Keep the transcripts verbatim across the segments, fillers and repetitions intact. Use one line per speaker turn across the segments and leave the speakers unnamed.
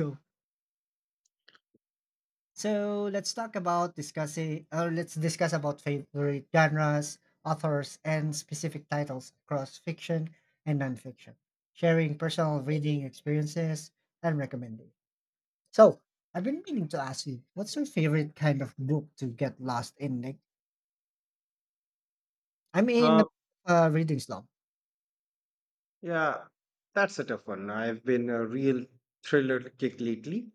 True. So let's talk about discussing, or let's discuss about favorite genres, authors, and specific titles across fiction and nonfiction, sharing personal reading experiences and recommendations. So I've been meaning to ask you, what's your favorite kind of book to get lost in? Nick? I'm in the
Uh,
uh, reading slump.
yeah, that's a tough one. I've been a real thriller kick lately.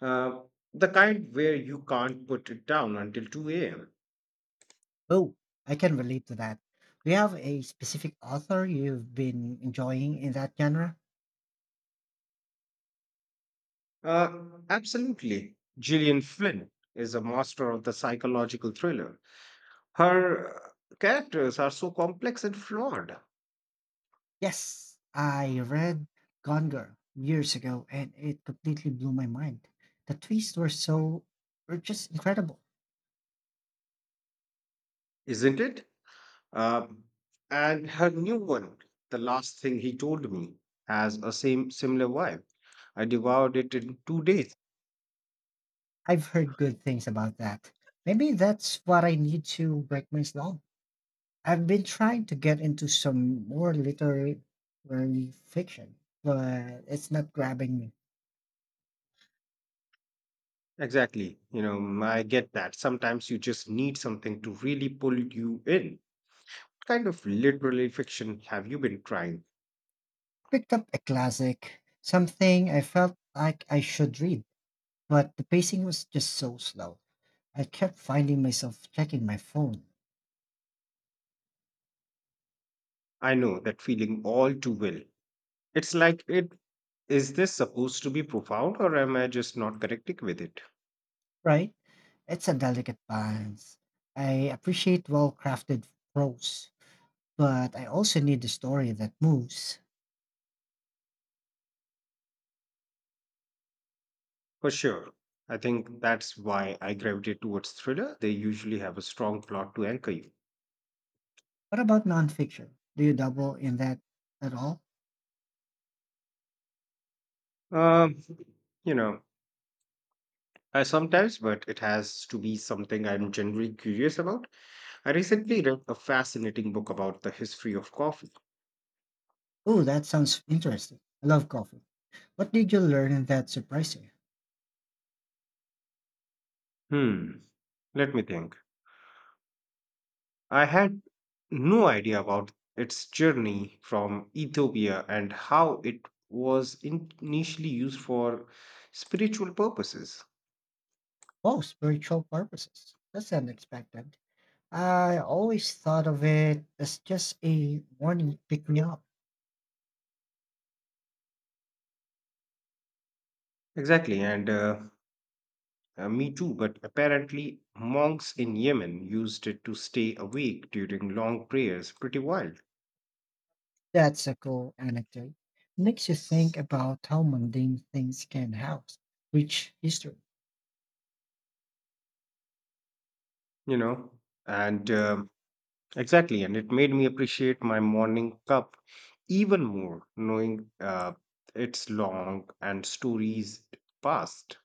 Uh, the kind where you can't put it down until two a m.
Oh, I can relate to that. Do you have a specific author you've been enjoying in that genre?
Uh, absolutely. Gillian Flynn is a master of the psychological thriller. Her uh, characters are so complex and flawed,
Yes, I read Gone Girl years ago and it completely blew my mind. The twists were so were just incredible.
isn't it? Uh, and her new one, The Last Thing He Told Me, has a same similar vibe. I devoured it in two days.
I've heard good things about that. Maybe that's what I need to break my slump. I've been trying to get into some more literary fiction, but it's not grabbing me.
Exactly. You know, mm, I get that. Sometimes you just need something to really pull you in. What kind of literary fiction have you been trying?
Picked up a classic, something I felt like I should read, but the pacing was just so slow. I kept finding myself checking my phone.
I know that feeling all too well. It's like it. Is this supposed to be profound, or am I just not connecting with it?
Right? It's a delicate balance. I appreciate well crafted prose, but I also need a story that moves.
For sure. I think that's why I gravitate towards thriller. They usually have a strong plot to anchor you.
What about nonfiction? Do you double in that at all?
Um, you know, I sometimes, but it has to be something I'm generally curious about. I recently read a fascinating book about the history of coffee.
Oh, that sounds interesting. I love coffee. What did you learn in that surprised you?
Hmm, let me think. I had no idea about its journey from Ethiopia and how it was in- initially used for spiritual purposes.
Oh, spiritual purposes. That's unexpected. I always thought of it as just a morning pick me up.
Exactly, and uh, uh, me too, but apparently, monks in Yemen used it to stay awake during long prayers. Pretty wild,
That's a cool anecdote. Makes you think about how mundane things can house. Rich history.
you know? And um exactly, and it made me appreciate my morning cup even more, knowing uh, its long and stories past.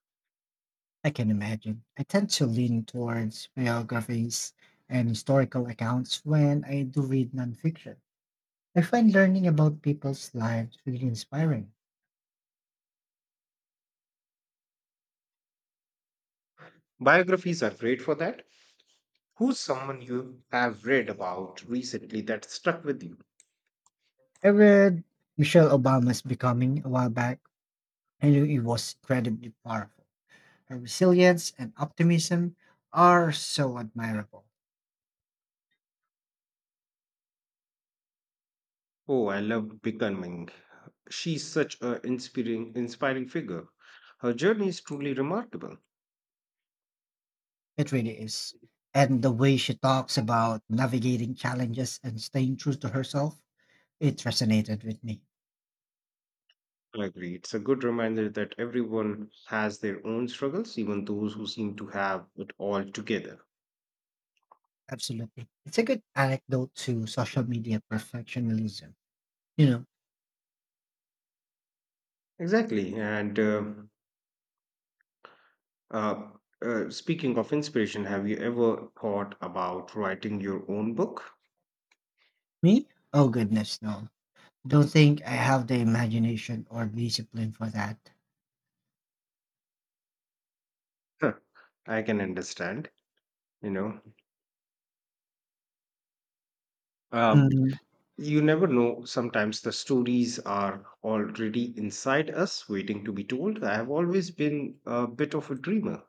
I can imagine. I tend to lean towards biographies and historical accounts when I do read nonfiction. I find learning about people's lives really inspiring.
Biographies are great for that. Who's someone you have read about recently that stuck with you?
I read Michelle Obama's Becoming a while back, and it was incredibly powerful. Her resilience and optimism are so admirable.
Oh, I love Becoming. She's such an inspiring, inspiring figure. Her journey is truly remarkable.
It really is. And the way she talks about navigating challenges and staying true to herself, it resonated with me.
I agree. It's a good reminder that everyone has their own struggles, even those who seem to have it all together.
Absolutely. It's a good anecdote to social media perfectionism. You know,
Exactly. And uh, uh, uh, speaking of inspiration, have you ever thought about writing your own book?
me? Oh, goodness, no. Don't think I have the imagination or discipline for that.
Huh, I can understand. you know um,
Mm,
you never know. Sometimes the stories are already inside us, waiting to be told. I have always been a bit of a dreamer.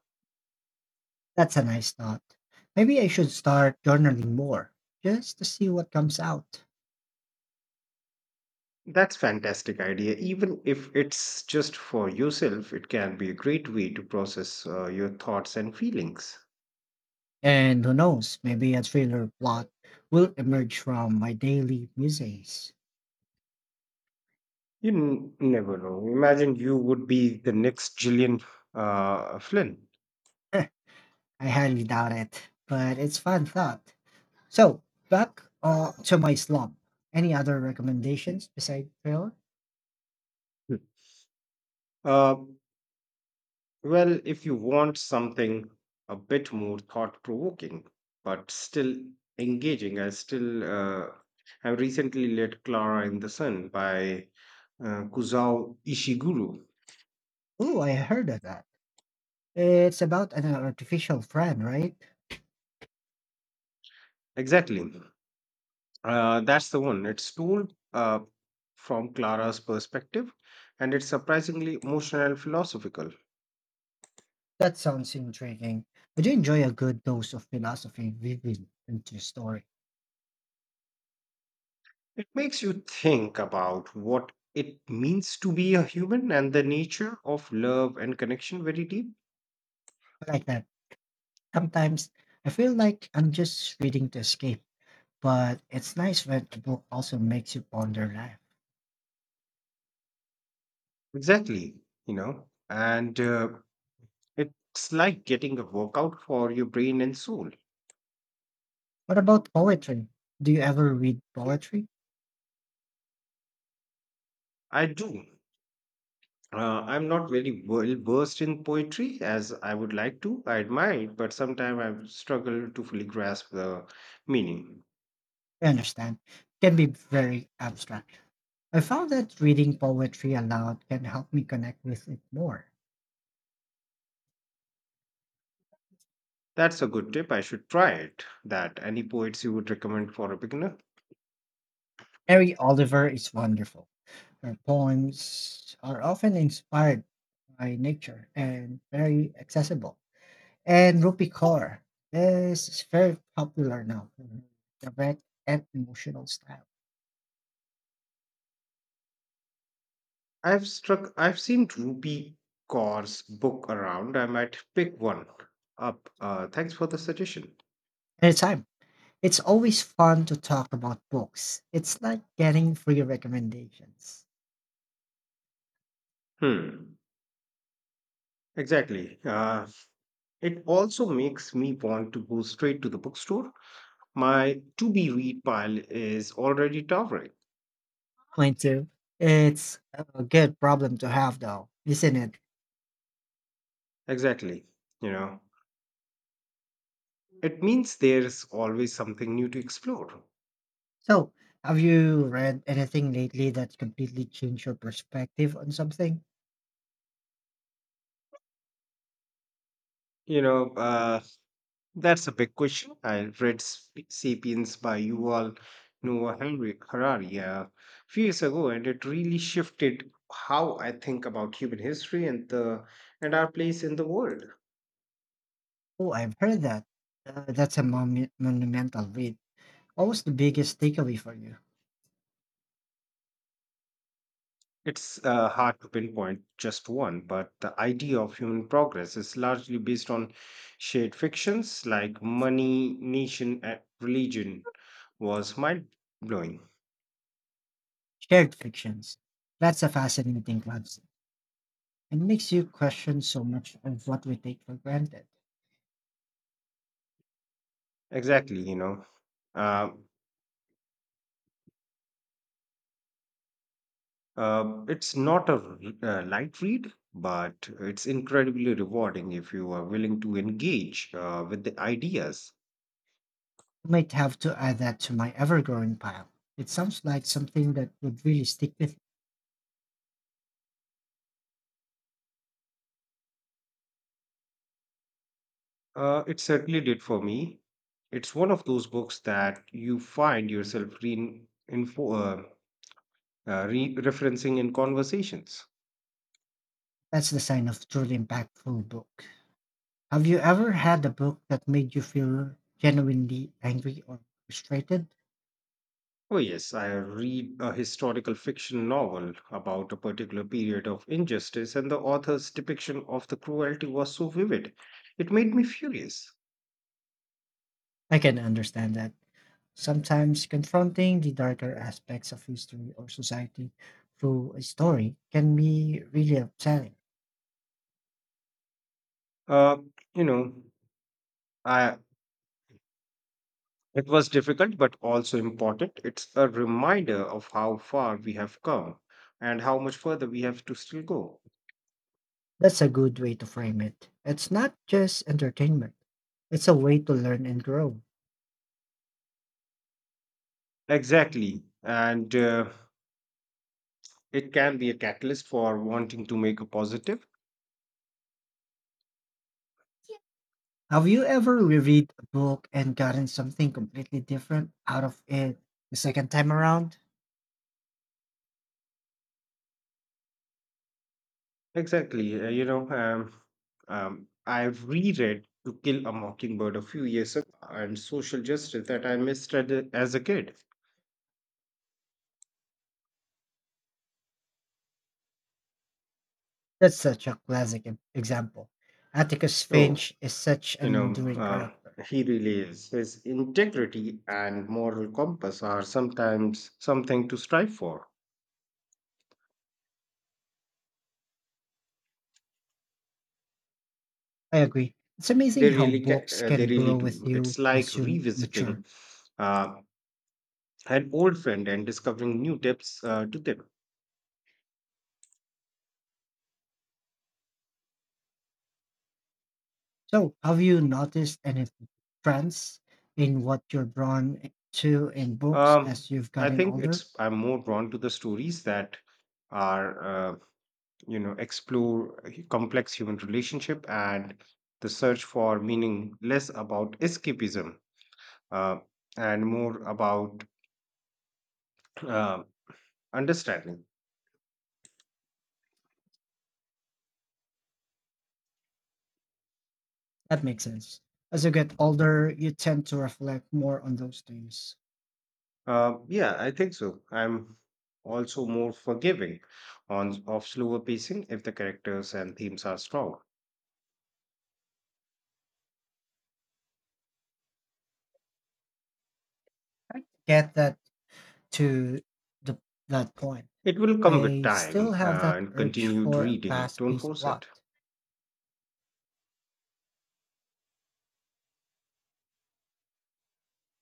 that's a nice thought. Maybe I should start journaling more just to see what comes out.
That's fantastic idea. Even if it's just for yourself, it can be a great way to process uh, your thoughts and feelings.
And who knows, maybe a thriller plot will emerge from my daily musings.
You n- never know. Imagine you would be the next Gillian uh, Flynn.
I highly doubt it, but it's fun thought. So back uh, to my slump. Any other recommendations besides Thriller?
Hmm. Uh, well, if you want something a bit more thought-provoking, but still engaging, I still uh, have recently read Clara in the Sun by uh, Kusao Ishiguro.
Ooh, I heard of that. It's about an artificial friend, right?
Exactly. Uh, that's the one. It's told uh, from Clara's perspective, and it's surprisingly emotional and philosophical.
That sounds intriguing. I do enjoy a good dose of philosophy weaving into a story.
It makes you think about what it means to be a human and the nature of love and connection very deep.
I like that. Sometimes I feel like I'm just reading to escape, but it's nice when a book also makes you ponder life.
Exactly, you know, and uh, it's like getting a workout for your brain and soul.
What about poetry? Do you ever read poetry?
I do. Uh, I'm not very well versed in poetry as I would like to. I admire it, but sometimes I struggle to fully grasp the meaning.
I understand. Can be very abstract. I found that reading poetry aloud can help me connect with it more.
That's a good tip. I should try it. That any poets you would recommend for a beginner?
Mary Oliver is wonderful. Her poems are often inspired by nature and very accessible. And Rupi Kaur is very popular now for her direct and emotional style.
I've struck. I've seen Rupi Kaur's book around. I might pick one up. Uh, thanks for the suggestion.
Anytime, it's always fun to talk about books. It's like getting free recommendations.
Hmm. Exactly. Uh, it also makes me want to go straight to the bookstore. My to be read pile is already towering.
Point two. It's a good problem to have, though, isn't it?
Exactly. You know, it means there's always something new to explore.
So, have you read anything lately that's completely changed your perspective on something?
You know, uh, that's a big question. I read Sp- *Sapiens* by Yuval Noah Henry- Harari a few years ago, and it really shifted how I think about human history and the and our place in the world.
Oh, I've heard that. Uh, that's a monu- monumental read. What was the biggest takeaway for you?
It's uh, hard to pinpoint just one, but the idea of human progress is largely based on shared fictions like money, nation, and religion was mind blowing.
Shared fictions. That's a fascinating concept. It makes you question so much of what we take for granted.
Exactly, you know. Uh, uh, it's not a r- uh, light read, but it's incredibly rewarding if you are willing to engage uh, with the ideas.
I might have to add that to my ever growing pile. It sounds like something that would really stick with.
Uh, it certainly did for me. It's one of those books that you find yourself reinforcing uh, re- referencing in conversations.
That's the sign of truly impactful book. Have you ever had a book that made you feel genuinely angry or frustrated?
Oh, yes, I read a historical fiction novel about a particular period of injustice, and the author's depiction of the cruelty was so vivid. It made me furious.
I can understand that. Sometimes confronting the darker aspects of history or society through a story can be really upsetting.
Uh, you know, I, it was difficult but also important. It's a reminder of how far we have come and how much further we have to still go.
That's a good way to frame it. It's not just entertainment, it's a way to learn and grow.
Exactly. And uh, it can be a catalyst for wanting to make a positive.
Have you ever reread a book and gotten something completely different out of it the second time around?
Exactly. uh, you know, um, um, I reread To Kill a Mockingbird a few years ago and social justice that I misread it as a kid.
That's such a classic e- example. Atticus
Oh,
Finch is such
You
an
know,
enduring character.
uh, he really is. His integrity and moral compass are sometimes something to strive for.
I agree. It's amazing
They
how
really, ca-
books
uh,
can
they really
grow with
do.
you
It's like
as you mature.
revisiting uh, an old friend and discovering new depths uh, to them.
So, have you noticed any trends in what you're drawn to in books
Um,
as you've
I
gotten
think
older?
it's. I'm more drawn to the stories that are, uh, you know, explore h- complex human relationship and the search for meaning, less about escapism uh, and more about. um Understanding.
That makes sense. As you get older, you tend to reflect more on those things.
Uh, yeah, I think so. I'm also more forgiving on of slower pacing if the characters and themes are strong.
I get that to the, that point.
It will come with
I still
time
have
uh,
that
and
urge
continued
for a
reading.
fast
Don't
paced
force
plot.
it.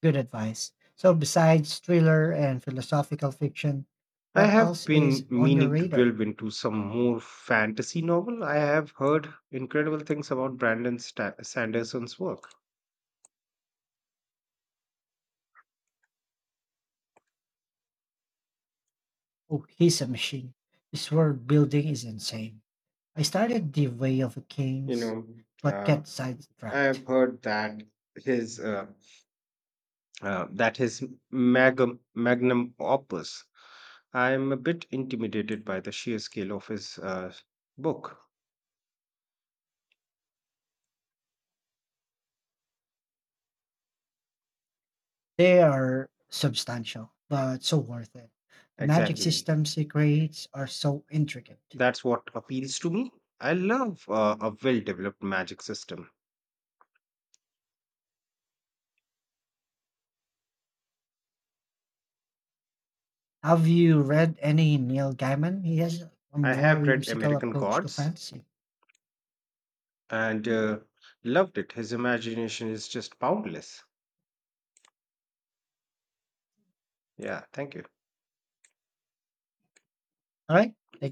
Good advice. So, besides thriller and philosophical fiction,
I
what
have
else is
been
on your
meaning to
radar?
delve into some more fantasy novel. I have heard incredible things about Brandon Sta- Sanderson's work.
Oh, he's a machine. His world building is insane. I started The Way of the
You
Kings,
know,
but
uh,
get
I have
sidetracked.
heard that his uh, uh, that his mag- magnum opus. I am a bit intimidated by the sheer scale of his uh, book.
They are substantial, but so worth it. The magic
Exactly.
systems he creates are so intricate.
That's what appeals to me. I love uh, a well developed magic system.
Have you read any Neil Gaiman? He has a
I
more
have read
whimsical
American
approach to
Gods
fantasy.
and uh, loved it. His imagination is just boundless. Yeah, thank you.
All right. Thank